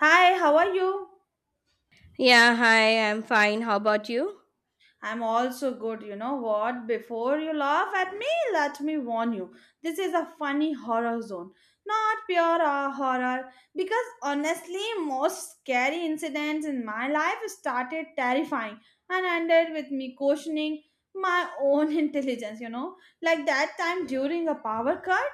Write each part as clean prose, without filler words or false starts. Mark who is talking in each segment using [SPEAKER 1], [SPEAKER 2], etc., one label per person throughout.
[SPEAKER 1] Hi, how are you?
[SPEAKER 2] Yeah, hi, I'm fine. How about you?
[SPEAKER 1] I'm also good. You know what? Before you laugh at me, let me warn you. This is a funny horror zone, not pure horror. Because honestly, most scary incidents in my life started terrifying and ended with me questioning my own intelligence, you know? Like that time during a power cut.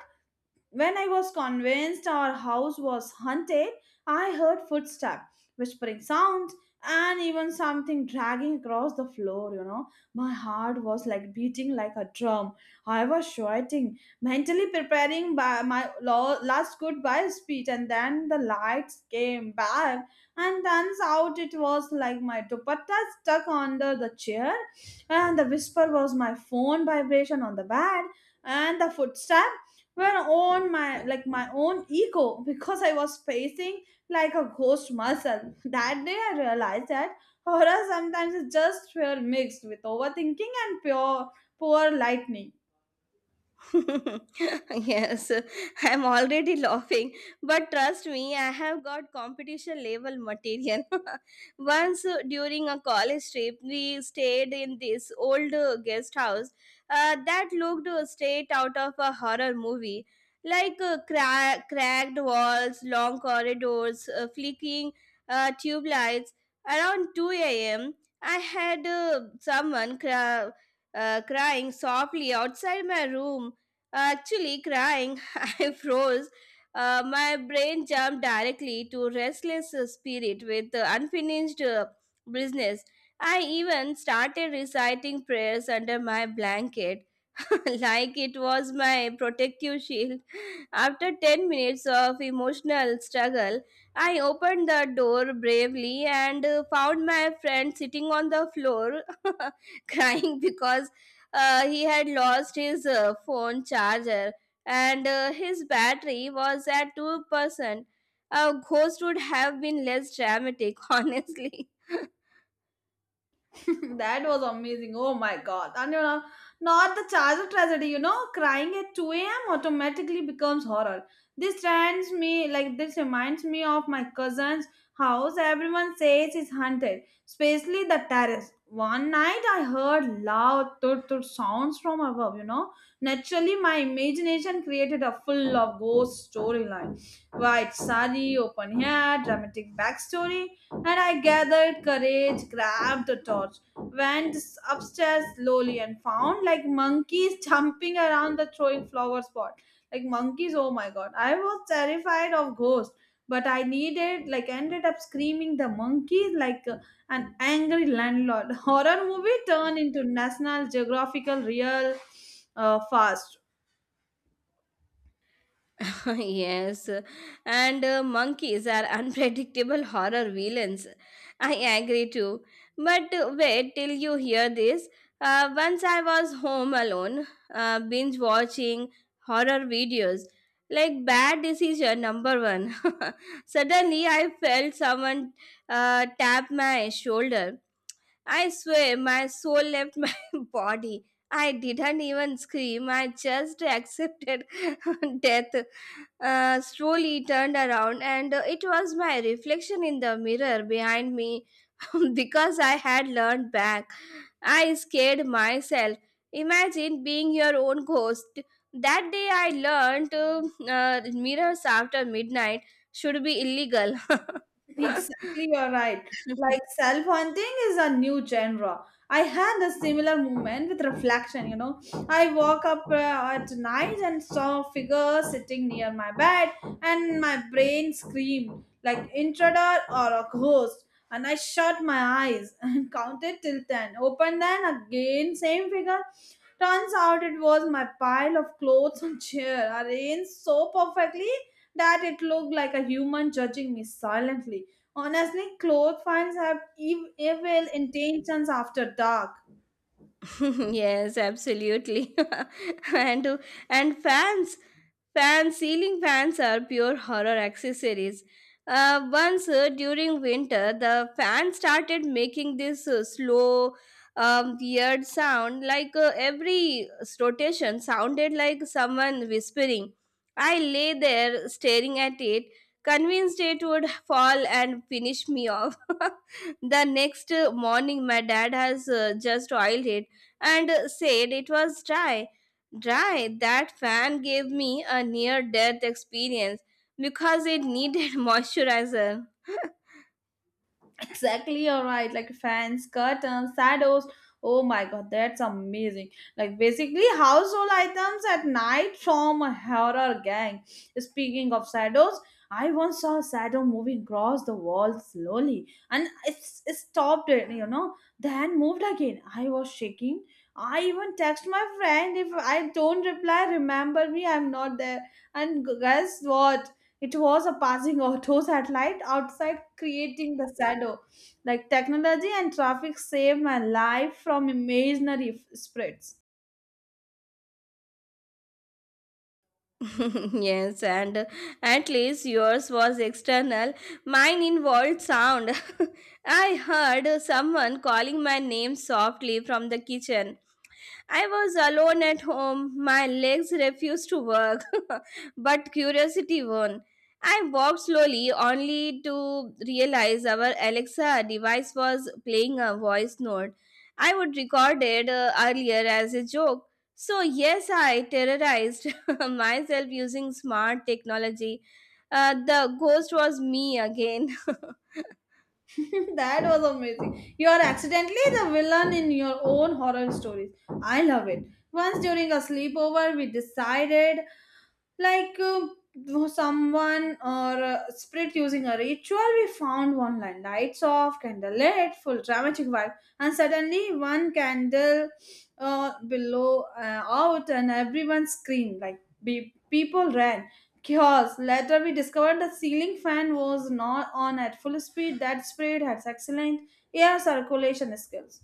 [SPEAKER 1] When I was convinced our house was haunted, I heard footsteps, whispering sounds, and even something dragging across the floor. My heart was like beating like a drum. I was shouting, mentally preparing by my last goodbye speech, and then the lights came back, and turns out it was like my dupatta stuck under the chair, and the whisper was my phone vibration on the bed, and the footstep were on my like my own ego because I was facing like a ghost muscle. That day I realized that horror sometimes is just fear mixed with overthinking and pure poor lightning.
[SPEAKER 2] Yes, I'm already laughing, but trust me, I have got competition level material. Once during a college trip, we stayed in this old guest house that looked straight out of a horror movie. Like cracked walls, long corridors, flicking tube lights. Around 2 a.m., I had crying softly outside my room. Actually, crying, I froze. My brain jumped directly to restless spirit with unfinished business. I even started reciting prayers under my blanket, like it was my protective shield. After 10 minutes of emotional struggle, I opened the door bravely and found my friend sitting on the floor crying because he had lost his phone charger, and his battery was at 2%. A ghost would have been less dramatic, honestly.
[SPEAKER 1] That was amazing. Oh my god. And not the charger tragedy, crying at 2 a.m. automatically becomes horror. This reminds me of my cousin's house everyone says is haunted, especially the terrace. One night I heard loud tut tut sounds from above. Naturally my imagination created a full of ghost storyline. White sari, open hair, dramatic backstory, and I gathered courage, grabbed the torch, went upstairs slowly and found like monkeys jumping around the throwing flowers pot. Like monkeys, oh my god. I was terrified of ghosts, but I needed like ended up screaming the monkeys like an angry landlord. Horror movie turned into National Geographical real fast.
[SPEAKER 2] yes, and Monkeys are unpredictable horror villains. I agree too. But wait till you hear this. Once I was home alone, binge watching horror videos. Like bad decision number one. Suddenly, I felt someone tap my shoulder. I swear my soul left my body. I didn't even scream. I just accepted death. Slowly turned around, and it was my reflection in the mirror behind me because I had learned back. I scared myself. Imagine being your own ghost. That day I learned mirrors after midnight should be illegal.
[SPEAKER 1] Exactly, you're right. Like self hunting is a new genre. I had a similar moment with reflection. I woke up at night and saw a figure sitting near my bed, and my brain screamed like intruder or a ghost. And I shut my eyes and counted till 10. Opened then again, same figure. Turns out it was my pile of clothes on chair arranged so perfectly that it looked like a human judging me silently. Honestly, clothes fans have evil intentions after dark.
[SPEAKER 2] yes, absolutely. and and ceiling fans are pure horror accessories. Once during winter, the fan started making this slow, weird sound. Like every rotation sounded like someone whispering. I lay there staring at it, convinced it would fall and finish me off. The next morning, my dad has just oiled it and said it was dry. Dry. That fan gave me a near death experience because it needed moisturizer.
[SPEAKER 1] Exactly, all right. Like fans, curtains, shadows. Oh my god, that's amazing. Like basically household items at night from a horror gang. Speaking of shadows, I once saw a shadow moving across the wall slowly and it stopped it, then moved again. I was shaking. I even text my friend if I don't reply, remember me, I'm not there. And guess what? It was a passing auto satellite outside creating the shadow. Like technology and traffic saved my life from imaginary spreads.
[SPEAKER 2] yes, and at least yours was external. Mine involved sound. I heard someone calling my name softly from the kitchen. I was alone at home. My legs refused to work, but curiosity won. I walked slowly only to realize our Alexa device was playing a voice note. I would record it earlier as a joke. So, yes, I terrorized myself using smart technology. The ghost was me again.
[SPEAKER 1] That was amazing. You are accidentally the villain in your own horror stories. I love it. Once during a sleepover, we decided like someone or a spirit using a ritual we found one line, lights off, candle lit, full dramatic vibe. And suddenly one candle below out and everyone screamed like people ran chaos. Later we discovered the ceiling fan was not on at full speed. That spirit has excellent air circulation skills.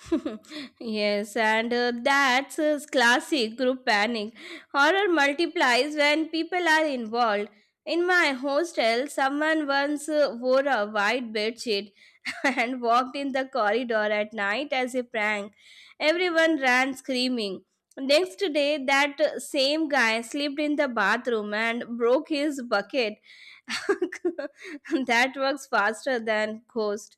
[SPEAKER 2] yes, and that's Classic group panic. Horror multiplies when people are involved. In my hostel, someone once wore a white bedsheet and walked in the corridor at night as a prank. Everyone ran screaming. Next day, that same guy slipped in the bathroom and broke his bucket. That works faster than ghost.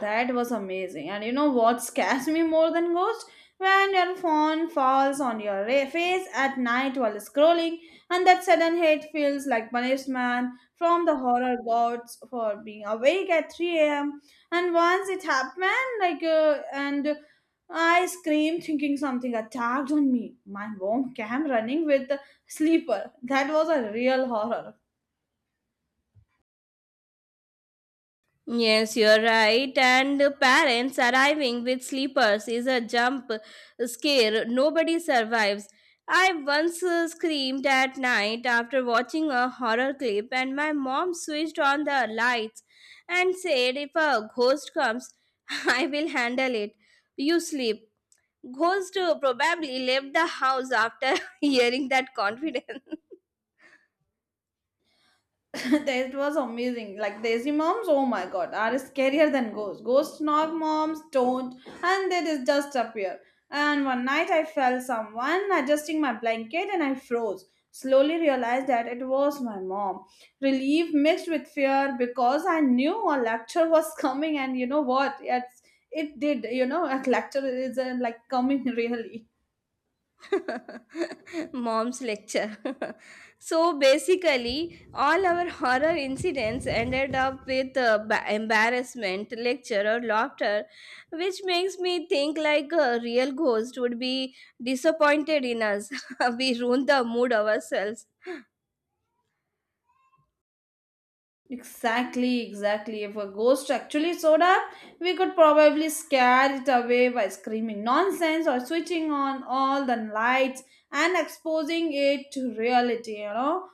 [SPEAKER 1] That was amazing. And you know what scares me more than ghosts? When your phone falls on your face at night while scrolling, and that sudden hate feels like punishment from the horror gods for being awake at 3 a.m. And once it happened, like, and I screamed thinking something attacked on me. My mom came running with the sleeper. That was a real horror.
[SPEAKER 2] Yes, you're right. And the parents arriving with sleepers is a jump scare. Nobody survives. I once screamed at night after watching a horror clip, and my mom switched on the lights and said, "If a ghost comes, I will handle it. You sleep." Ghost probably left the house after hearing that confidence.
[SPEAKER 1] That was amazing. Like Desi moms, oh my god, are scarier than ghosts. Ghosts knock, moms don't, and they just appear. And one night I felt someone adjusting my blanket and I froze. Slowly realized that it was my mom. Relief mixed with fear because I knew a lecture was coming, and you know what? It did. A lecture is like coming really.
[SPEAKER 2] Mom's lecture. So basically, all our horror incidents ended up with embarrassment, lecture, or laughter, which makes me think like a real ghost would be disappointed in us. We ruin the mood ourselves.
[SPEAKER 1] Exactly, exactly. If a ghost actually showed up, we could probably scare it away by screaming nonsense or switching on all the lights and exposing it to reality.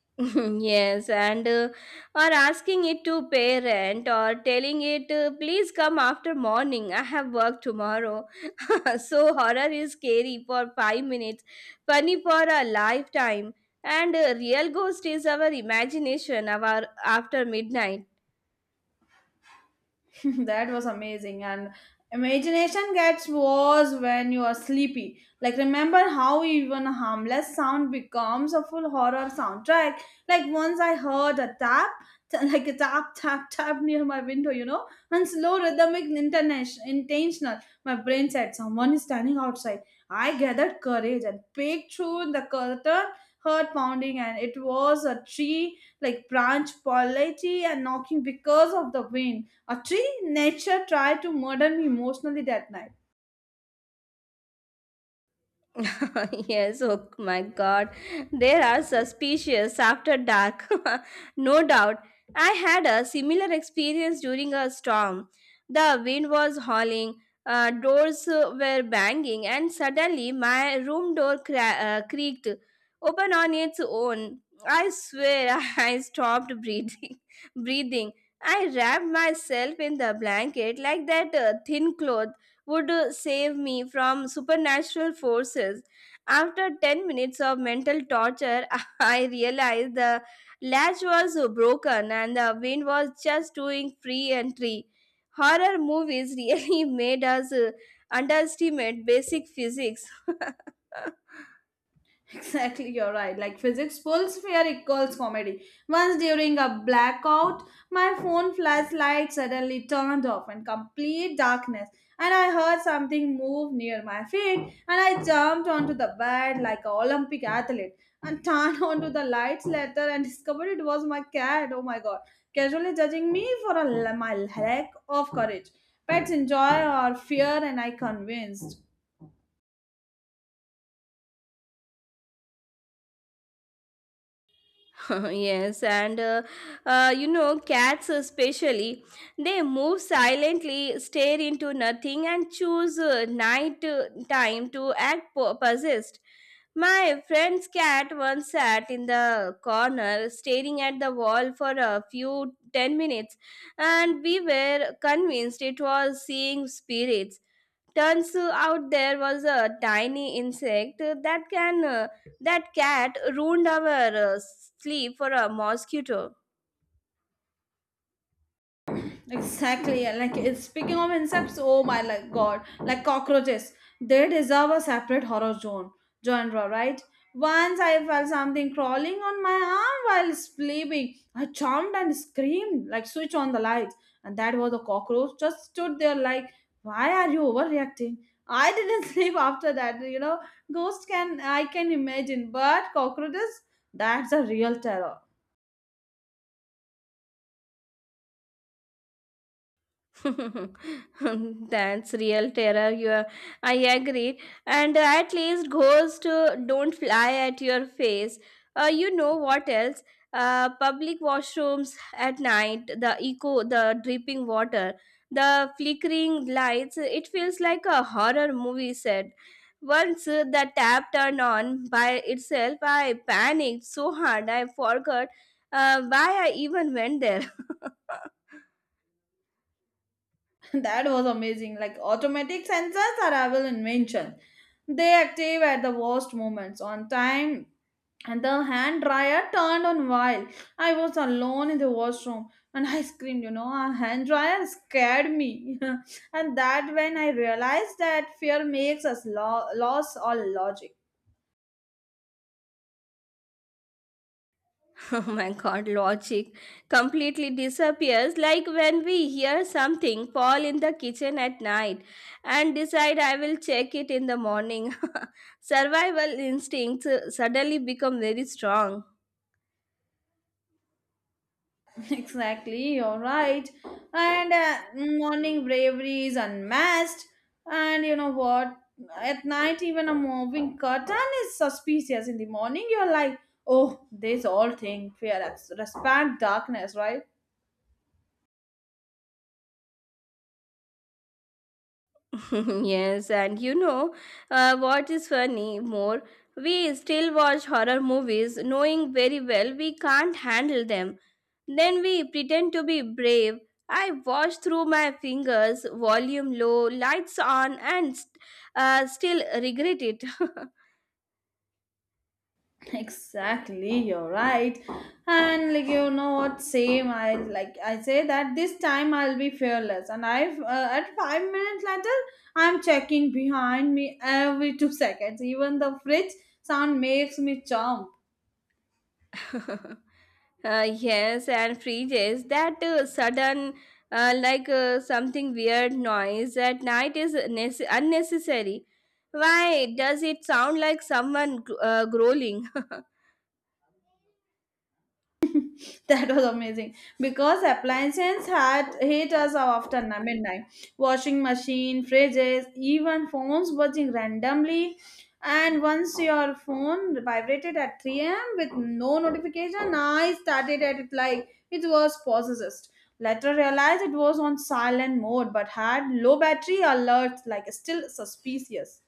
[SPEAKER 2] yes, and Or asking it to pay rent or telling it, please come after morning. I have work tomorrow. So horror is scary for 5 minutes, funny for a lifetime, and real ghost is our imagination our after midnight.
[SPEAKER 1] That was amazing. And imagination gets worse when you are sleepy, like remember how even a harmless sound becomes a full horror soundtrack. Like once I heard a tap like a tap tap tap near my window, and slow rhythmic international intentional, my brain said someone is standing outside. I gathered courage and peeked through the curtain, heard pounding, and it was a tree like branch polity and knocking because of the wind. Actually, nature tried to murder me emotionally that night.
[SPEAKER 2] yes, oh my god, there are suspicious after dark. no doubt. I had a similar experience during a storm. The wind was howling, doors were banging, and suddenly my room door creaked open on its own. I swear I stopped breathing. breathing. I wrapped myself in the blanket like that thin cloth would save me from supernatural forces. After 10 minutes of mental torture, I realized the latch was broken and the wind was just doing free entry. Horror movies really made us underestimate basic physics.
[SPEAKER 1] Exactly, you're right. Like physics pulls fear equals comedy. Once during a blackout, my phone flashlight suddenly turned off in complete darkness, and I heard something move near my feet, and I jumped onto the bed like an Olympic athlete and turned onto the lights later and discovered it was my cat. Oh my god. Casually judging me for my lack of courage. Pets enjoy our fear, and I convinced.
[SPEAKER 2] yes, and You know, cats especially, they move silently, stare into nothing, and choose night time to act possessed. My friend's cat once sat in the corner, staring at the wall for a few 10 minutes, and we were convinced it was seeing spirits. Turns out there was a tiny insect that can that cat ruined our sleep for a mosquito.
[SPEAKER 1] Exactly. Yeah, like it's speaking of insects, oh my like god, like cockroaches. They deserve a separate horror zone genre, right? Once I felt something crawling on my arm while sleeping. I jumped and screamed, like switch on the lights. And that was a cockroach. Just stood there like, why are you overreacting? I didn't sleep after that. Ghosts can I can imagine, but cockroaches, that's a real terror.
[SPEAKER 2] That's real terror. You are, I agree. And at least ghosts don't fly at your face. You know what else? Public washrooms at night, the echo, the dripping water, the flickering lights. It feels like a horror movie set. Once the tap turned on by itself, I panicked so hard I forgot why I even went there.
[SPEAKER 1] That was amazing. Like automatic sensors are our invention. They active at the worst moments on time. And the hand dryer turned on while I was alone in the washroom and I screamed, a hand dryer scared me. And that when I realized that fear makes us lose all logic.
[SPEAKER 2] Oh my god, logic completely disappears like when we hear something fall in the kitchen at night and decide I will check it in the morning. Survival instincts suddenly become very strong.
[SPEAKER 1] Exactly, you're right. And morning bravery is unmasked. And you know what? At night, even a moving curtain is suspicious. In the morning, you're like, oh, this all thing fear, respect darkness, right?
[SPEAKER 2] yes, and you know What is funny more? We still watch horror movies knowing very well we can't handle them. Then we pretend to be brave. I watch through my fingers, volume low, lights on, and still regret it.
[SPEAKER 1] Exactly, you're right. And like you know what, same. I like I say that this time I'll be fearless, and I've at 5 minutes later I'm checking behind me every 2 seconds. Even the fridge sound makes me jump.
[SPEAKER 2] Yes, and freezes. That sudden, like something weird noise at night is unnecessary. Why does it sound like someone growling?
[SPEAKER 1] That was amazing because appliances had hit us after midnight. Washing machine, fridges, even phones buzzing randomly. And once your phone vibrated at 3 a.m. with no notification, I started at it like it was possessed. Later realized it was on silent mode but had low battery alerts like still suspicious.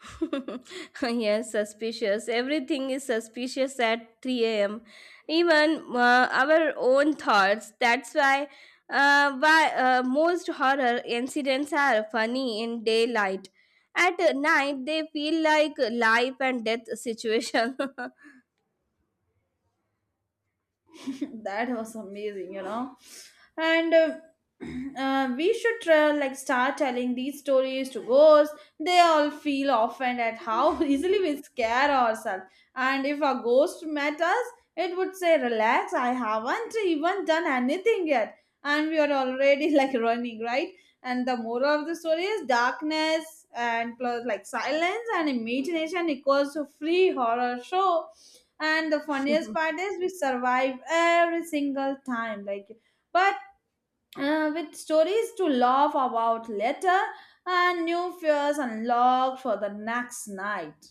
[SPEAKER 2] yes, suspicious. Everything is suspicious at 3 a.m. Even our own thoughts. That's why most horror incidents are funny in daylight. At night, they feel like life and death situation.
[SPEAKER 1] That was amazing. And we should try, like start telling these stories to ghosts. They all feel offended at how easily we scare ourselves. And if a ghost met us, it would say relax, I haven't even done anything yet, and we are already like running, right? And the moral of the story is darkness and plus like silence and imagination equals to free horror show. And the funniest part is we survive every single time, like, but with stories to laugh about later and new fears unlocked for the next night.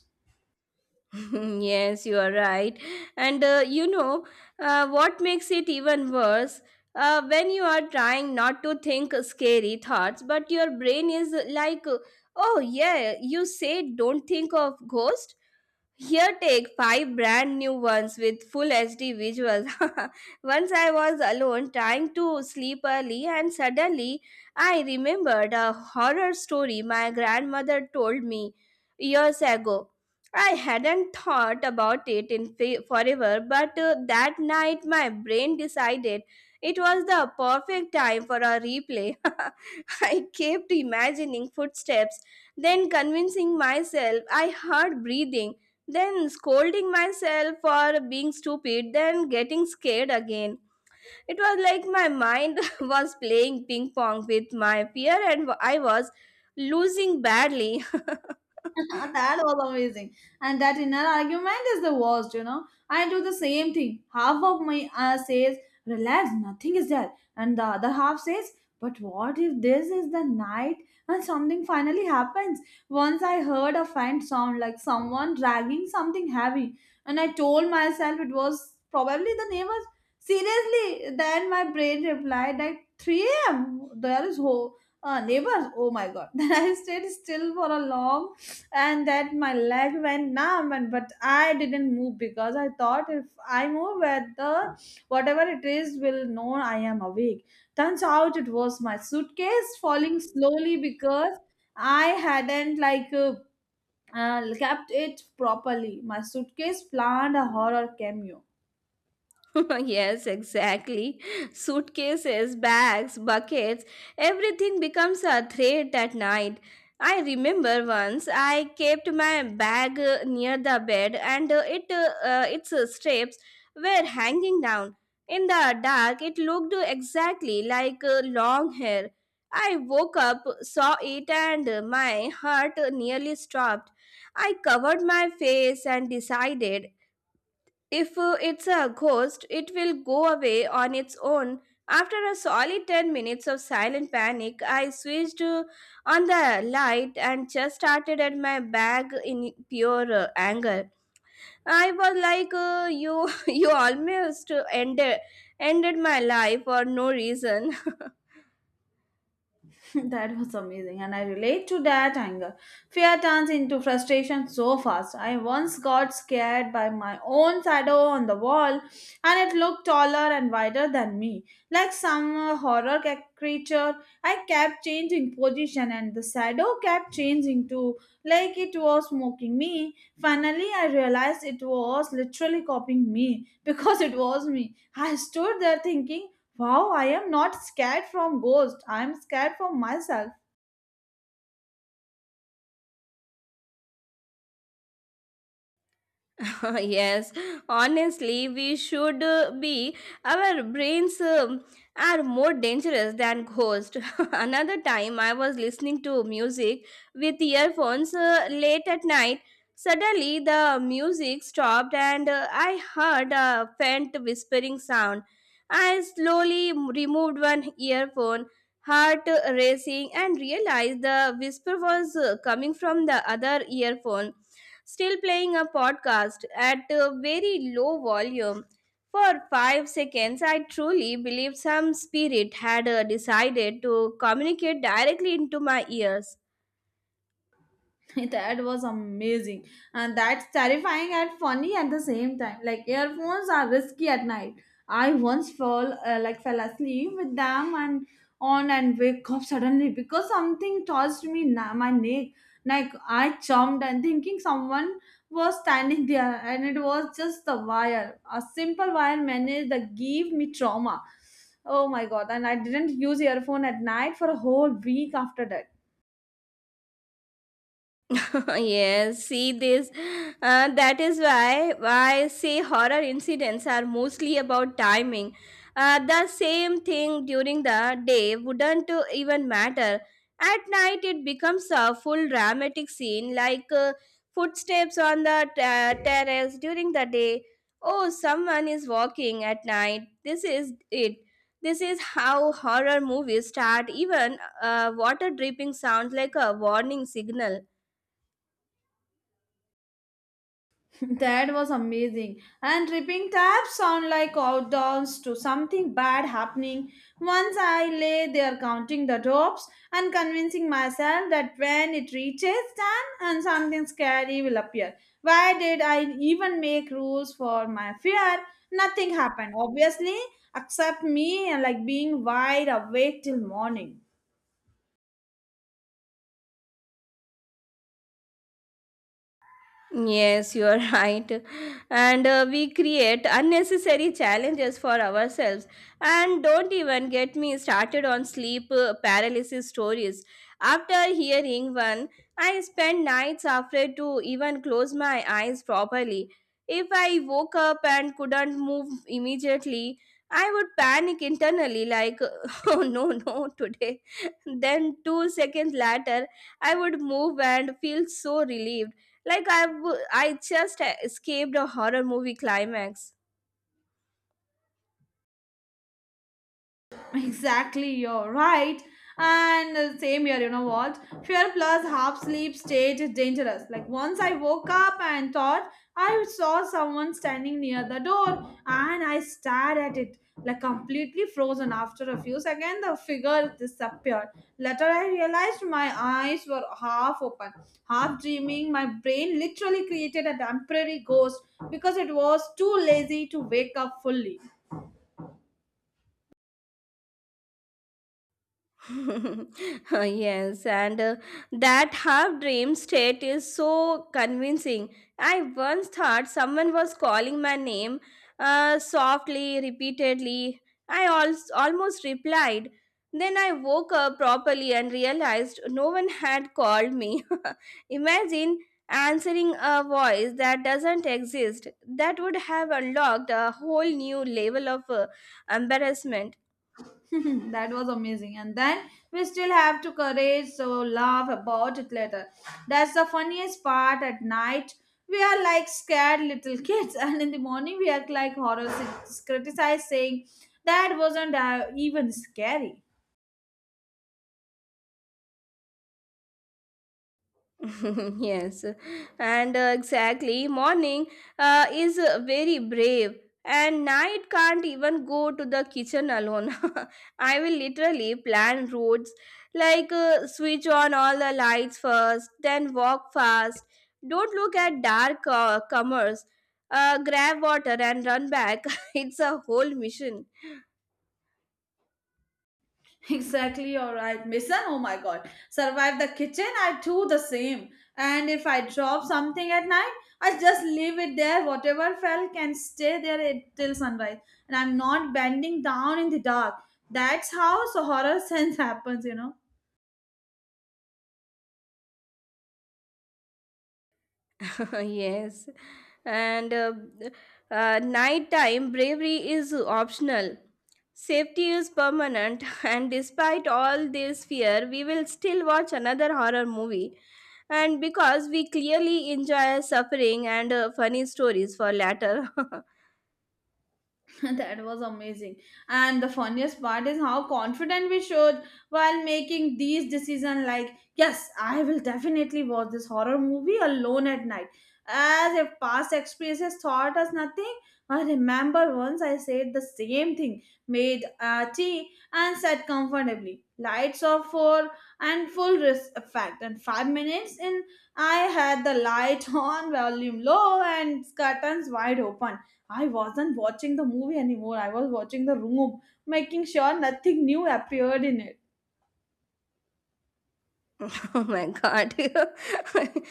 [SPEAKER 2] yes, you are right. And what makes it even worse? When you are trying not to think scary thoughts, but your brain is like, oh, yeah, you said don't think of ghost. Here, take five brand new ones with full HD visuals. Once I was alone trying to sleep early, and suddenly I remembered a horror story my grandmother told me years ago. I hadn't thought about it in forever, but that night my brain decided it was the perfect time for a replay. I kept imagining footsteps, then convincing myself I heard breathing, then scolding myself for being stupid, then getting scared again. It was like my mind was playing ping pong with my fear and I was losing badly.
[SPEAKER 1] That was amazing. And that inner argument is the worst. I do the same thing. Half of my says, relax, nothing is there. And the other half says, but what if this is the night and something finally happens? Once I heard a faint sound like someone dragging something heavy. And I told myself it was probably the neighbors. Seriously, then my brain replied like 3 a.m. There is neighbors. Oh my god. Then I stayed still for a long, and then my leg went numb, and but I didn't move because I thought if I move at the whatever it is will know I am awake. Turns out it was my suitcase falling slowly because I hadn't like kept it properly. My suitcase planned a horror cameo.
[SPEAKER 2] yes, exactly. Suitcases, bags, buckets, everything becomes a threat at night. I remember once I kept my bag near the bed and it its straps were hanging down. In the dark, it looked exactly like long hair. I woke up, saw it, and my heart nearly stopped. I covered my face and decided if it's a ghost, it will go away on its own. After a solid 10 minutes of silent panic, I switched on the light and just started at my bag in pure anger. I was like, you, you ended my life for no reason.
[SPEAKER 1] That was amazing, and I relate to that anger. Fear turns into frustration so fast. I once got scared by my own shadow on the wall, and it looked taller and wider than me, like some horror creature. I kept changing position, and the shadow kept changing too, like it was mocking me. Finally, I realized it was literally copying me because it was me. I stood there thinking, wow, I am not scared from ghosts. I am scared from myself.
[SPEAKER 2] yes, honestly, we should be. Our brains are more dangerous than ghosts. Another time, I was listening to music with earphones late at night. Suddenly, the music stopped and I heard a faint whispering sound. I slowly removed one earphone, heart racing, and realized the whisper was coming from the other earphone still playing a podcast at a very low volume. For 5 seconds, I truly believed some spirit had decided to communicate directly into my ears.
[SPEAKER 1] That was amazing, and that's terrifying and funny at the same time. Like earphones are risky at night. I once fell like fell asleep with them and on and wake up suddenly because something touched me my neck. Like I jumped and thinking someone was standing there, and it was just the wire, a simple wire managed that gave me trauma. Oh my god, and I didn't use earphone at night for a whole week after that.
[SPEAKER 2] yes, see this. That is why I say horror incidents are mostly about timing. The same thing during the day wouldn't even matter. At night, it becomes a full dramatic scene like footsteps on the terrace during the day. Oh, someone is walking at night. This is it. This is how horror movies start. Even water dripping sounds like a warning signal.
[SPEAKER 1] That was amazing. And tripping taps sound like countdowns to something bad happening. Once I lay there counting the drops and convincing myself that when it reaches 10 and something scary will appear. Why did I even make rules for my fear? Nothing happened, obviously, except me and like being wide awake till morning.
[SPEAKER 2] Yes, you are right. And we create unnecessary challenges for ourselves. And don't even get me started on sleep paralysis stories. After hearing one, I spent nights afraid to even close my eyes properly. If I woke up and couldn't move immediately, I would panic internally, like, oh no, no, today. Then, 2 seconds later, I would move and feel so relieved. Like I, I just escaped a horror movie climax.
[SPEAKER 1] Exactly, you're right. And same here, you know what? Fear plus half sleep state is dangerous. Like once I woke up and thought I saw someone standing near the door, and I stared at it like completely frozen. After a few seconds the figure disappeared. Later I realized my eyes were half open, half dreaming. My brain literally created a temporary ghost because it was too lazy to wake up fully.
[SPEAKER 2] yes, and That half dream state is so convincing. I once thought someone was calling my name softly, repeatedly. I almost replied. Then I woke up properly and realized no one had called me. Imagine answering a voice that doesn't exist. That would have unlocked a whole new level of embarrassment.
[SPEAKER 1] That was amazing. And then we still have to courage, so laugh about it later. That's the funniest part at night. We are like scared little kids, and in the morning we act like horror criticised, saying that wasn't even scary.
[SPEAKER 2] yes, and exactly. Morning is very brave, and night can't even go to the kitchen alone. I will literally plan routes like switch on all the lights first, then walk fast. Don't look at dark comers. Grab water and run back. It's a whole mission.
[SPEAKER 1] Exactly, all right, Mason. Oh my god, survive the kitchen. I do the same. And if I drop something at night, I just leave it there. Whatever fell can stay there till sunrise. And I'm not bending down in the dark. That's how so horror sense happens, you know.
[SPEAKER 2] Yes. And Nighttime bravery is optional. Safety is permanent, and despite all this fear, we will still watch another horror movie. And because we clearly enjoy suffering and funny stories for latter.
[SPEAKER 1] That was amazing. And the funniest part is how confident we showed while making these decisions. Like, yes, I will definitely watch this horror movie alone at night. As if past experiences taught us nothing. I remember once I said the same thing, made tea and sat comfortably. Lights off for and full risk effect. And 5 minutes in, I had the light on, volume low, and curtains wide open. I wasn't watching the movie anymore. I was watching the room, making sure nothing new appeared in it.
[SPEAKER 2] Oh my god.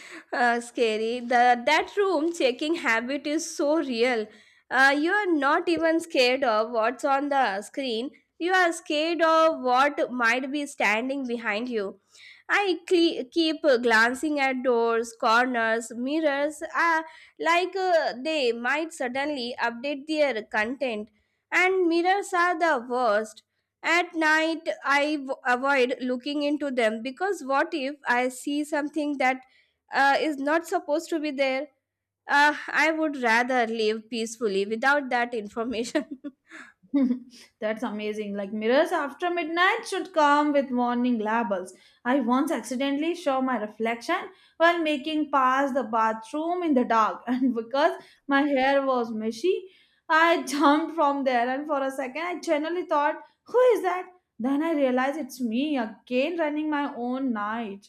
[SPEAKER 2] scary. The that room checking habit is so real. You are not even scared of what's on the screen. You are scared of what might be standing behind you. Keep glancing at doors, corners, mirrors, like they might suddenly update their content. And mirrors are the worst. At night, avoid looking into them because what if I see something that is not supposed to be there? I would rather live peacefully without that information.
[SPEAKER 1] That's amazing. Like mirrors after midnight should come with warning labels. I once accidentally saw my reflection while making past the bathroom in the dark, and because my hair was messy, I jumped from there. And for a second, I genuinely thought, "Who is that?" Then I realized it's me again running my own night.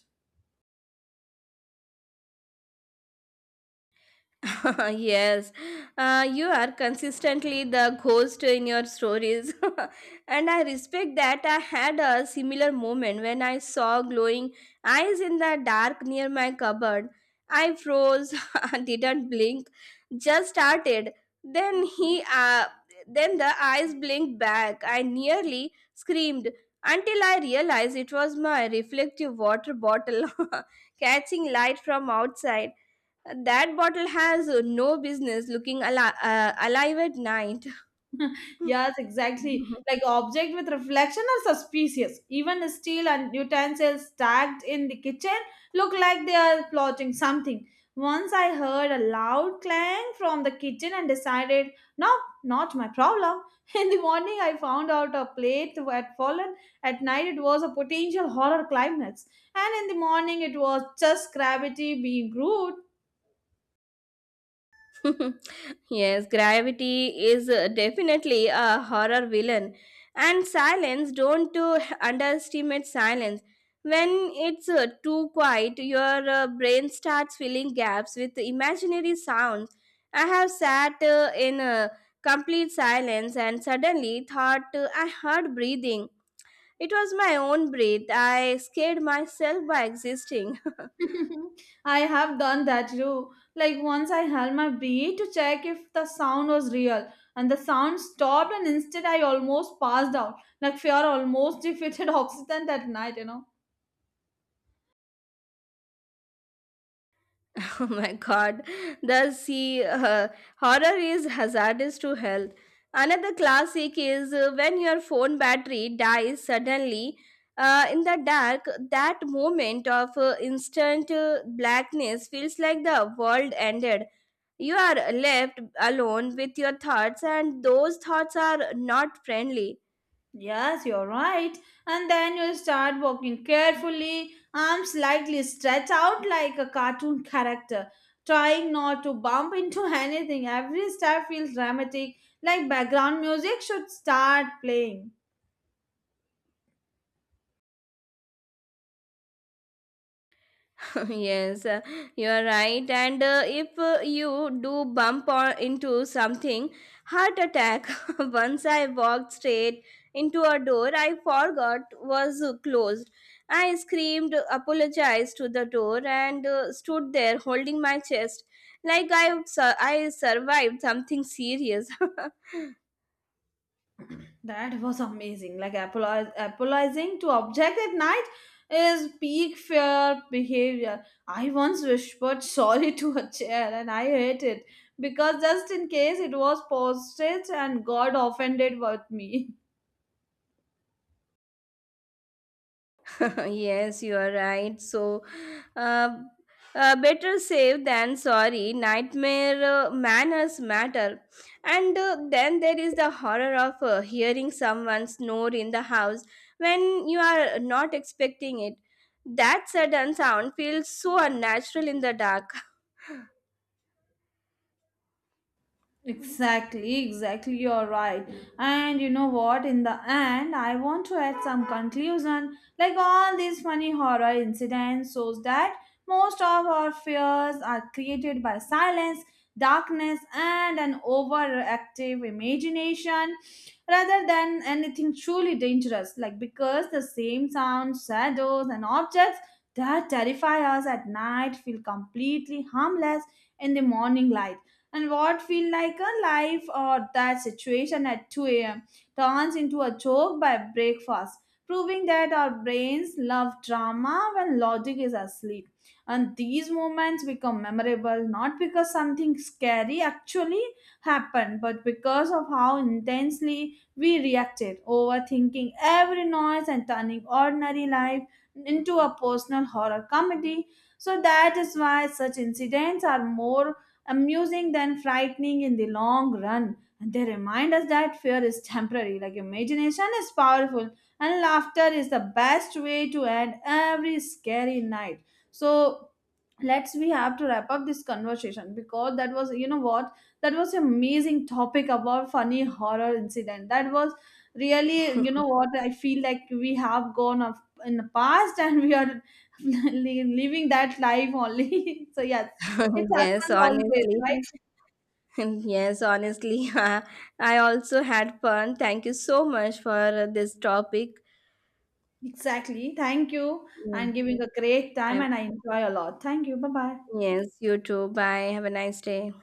[SPEAKER 2] Yes, you are consistently the ghost in your stories, and I respect that. I had a similar moment when I saw glowing eyes in the dark near my cupboard. I froze, didn't blink, just started. Then he, uh, then the eyes blinked back. I nearly screamed until I realized it was my reflective water bottle catching light from outside. That bottle has no business looking alive at night.
[SPEAKER 1] Yes, exactly. Like object with reflection are suspicious. Even steel and utensils stacked in the kitchen look like they are plotting something. Once I heard a loud clang from the kitchen and decided, no, not my problem. In the morning, I found out a plate had fallen. At night, it was a potential horror climax. And in the morning, it was just gravity being rude.
[SPEAKER 2] Yes, gravity is definitely a horror villain. And silence, don't underestimate silence. When it's too quiet, your brain starts filling gaps with imaginary sounds. I have sat in complete silence and suddenly thought I heard breathing. It was my own breath. I scared myself by existing.
[SPEAKER 1] I have done that too. Like once I held my breath to check if the sound was real, and the sound stopped, and instead I almost passed out. Like fear almost defeated oxygen that night, you know.
[SPEAKER 2] Oh my god. The sea horror is hazardous to health. Another classic is when your phone battery dies suddenly in the dark. That moment of instant blackness feels like the world ended. You are left alone with your thoughts, and those thoughts are not friendly.
[SPEAKER 1] Yes, you're right. And then you start walking carefully, arms slightly stretched out like a cartoon character, trying not to bump into anything. Every step feels dramatic, like background music should start playing.
[SPEAKER 2] Yes, you are right. And if you do bump on into something, heart attack. Once I walked straight into a door I forgot was closed. I screamed, apologized to the door, and stood there holding my chest like I survived something serious.
[SPEAKER 1] That was amazing. Like apologizing to object at night is peak fear behavior. I once whispered sorry to a chair, and I hate it because just in case it was posted and God offended with me.
[SPEAKER 2] Yes, you are right. So, uh, better safe than sorry. Nightmare manners matter. And then there is the horror of hearing someone snore in the house when you are not expecting it. That sudden sound feels so unnatural in the dark.
[SPEAKER 1] Exactly, exactly, you're right. And you know what? In the end, I want to add some conclusion. Like all these funny horror incidents shows that most of our fears are created by silence, darkness, and an overactive imagination rather than anything truly dangerous. Like because the same sounds, shadows, and objects that terrify us at night feel completely harmless in the morning light, and what feel like a life or that situation at 2 a.m. turns into a joke by breakfast, proving that our brains love drama when logic is asleep. And these moments become memorable not because something scary actually happened, but because of how intensely we reacted, overthinking every noise and turning ordinary life into a personal horror comedy. So that is why such incidents are more amusing than frightening in the long run. And they remind us that fear is temporary, like imagination is powerful, and laughter is the best way to end every scary night. So let's we have to wrap up this conversation, because that was, you know what, that was an amazing topic about funny horror incident. That was really, you know what, I feel like we have gone up in the past and we are living that life only. So yes, it
[SPEAKER 2] Yes,
[SPEAKER 1] happens always, right?
[SPEAKER 2] honestly. Yes, honestly. I also had fun. Thank you so much for this topic.
[SPEAKER 1] Exactly. Thank you. I'm giving a great time
[SPEAKER 2] Yeah.
[SPEAKER 1] and I enjoy a lot. Thank you. Bye bye.
[SPEAKER 2] Yes, you too. Bye. Have a nice day.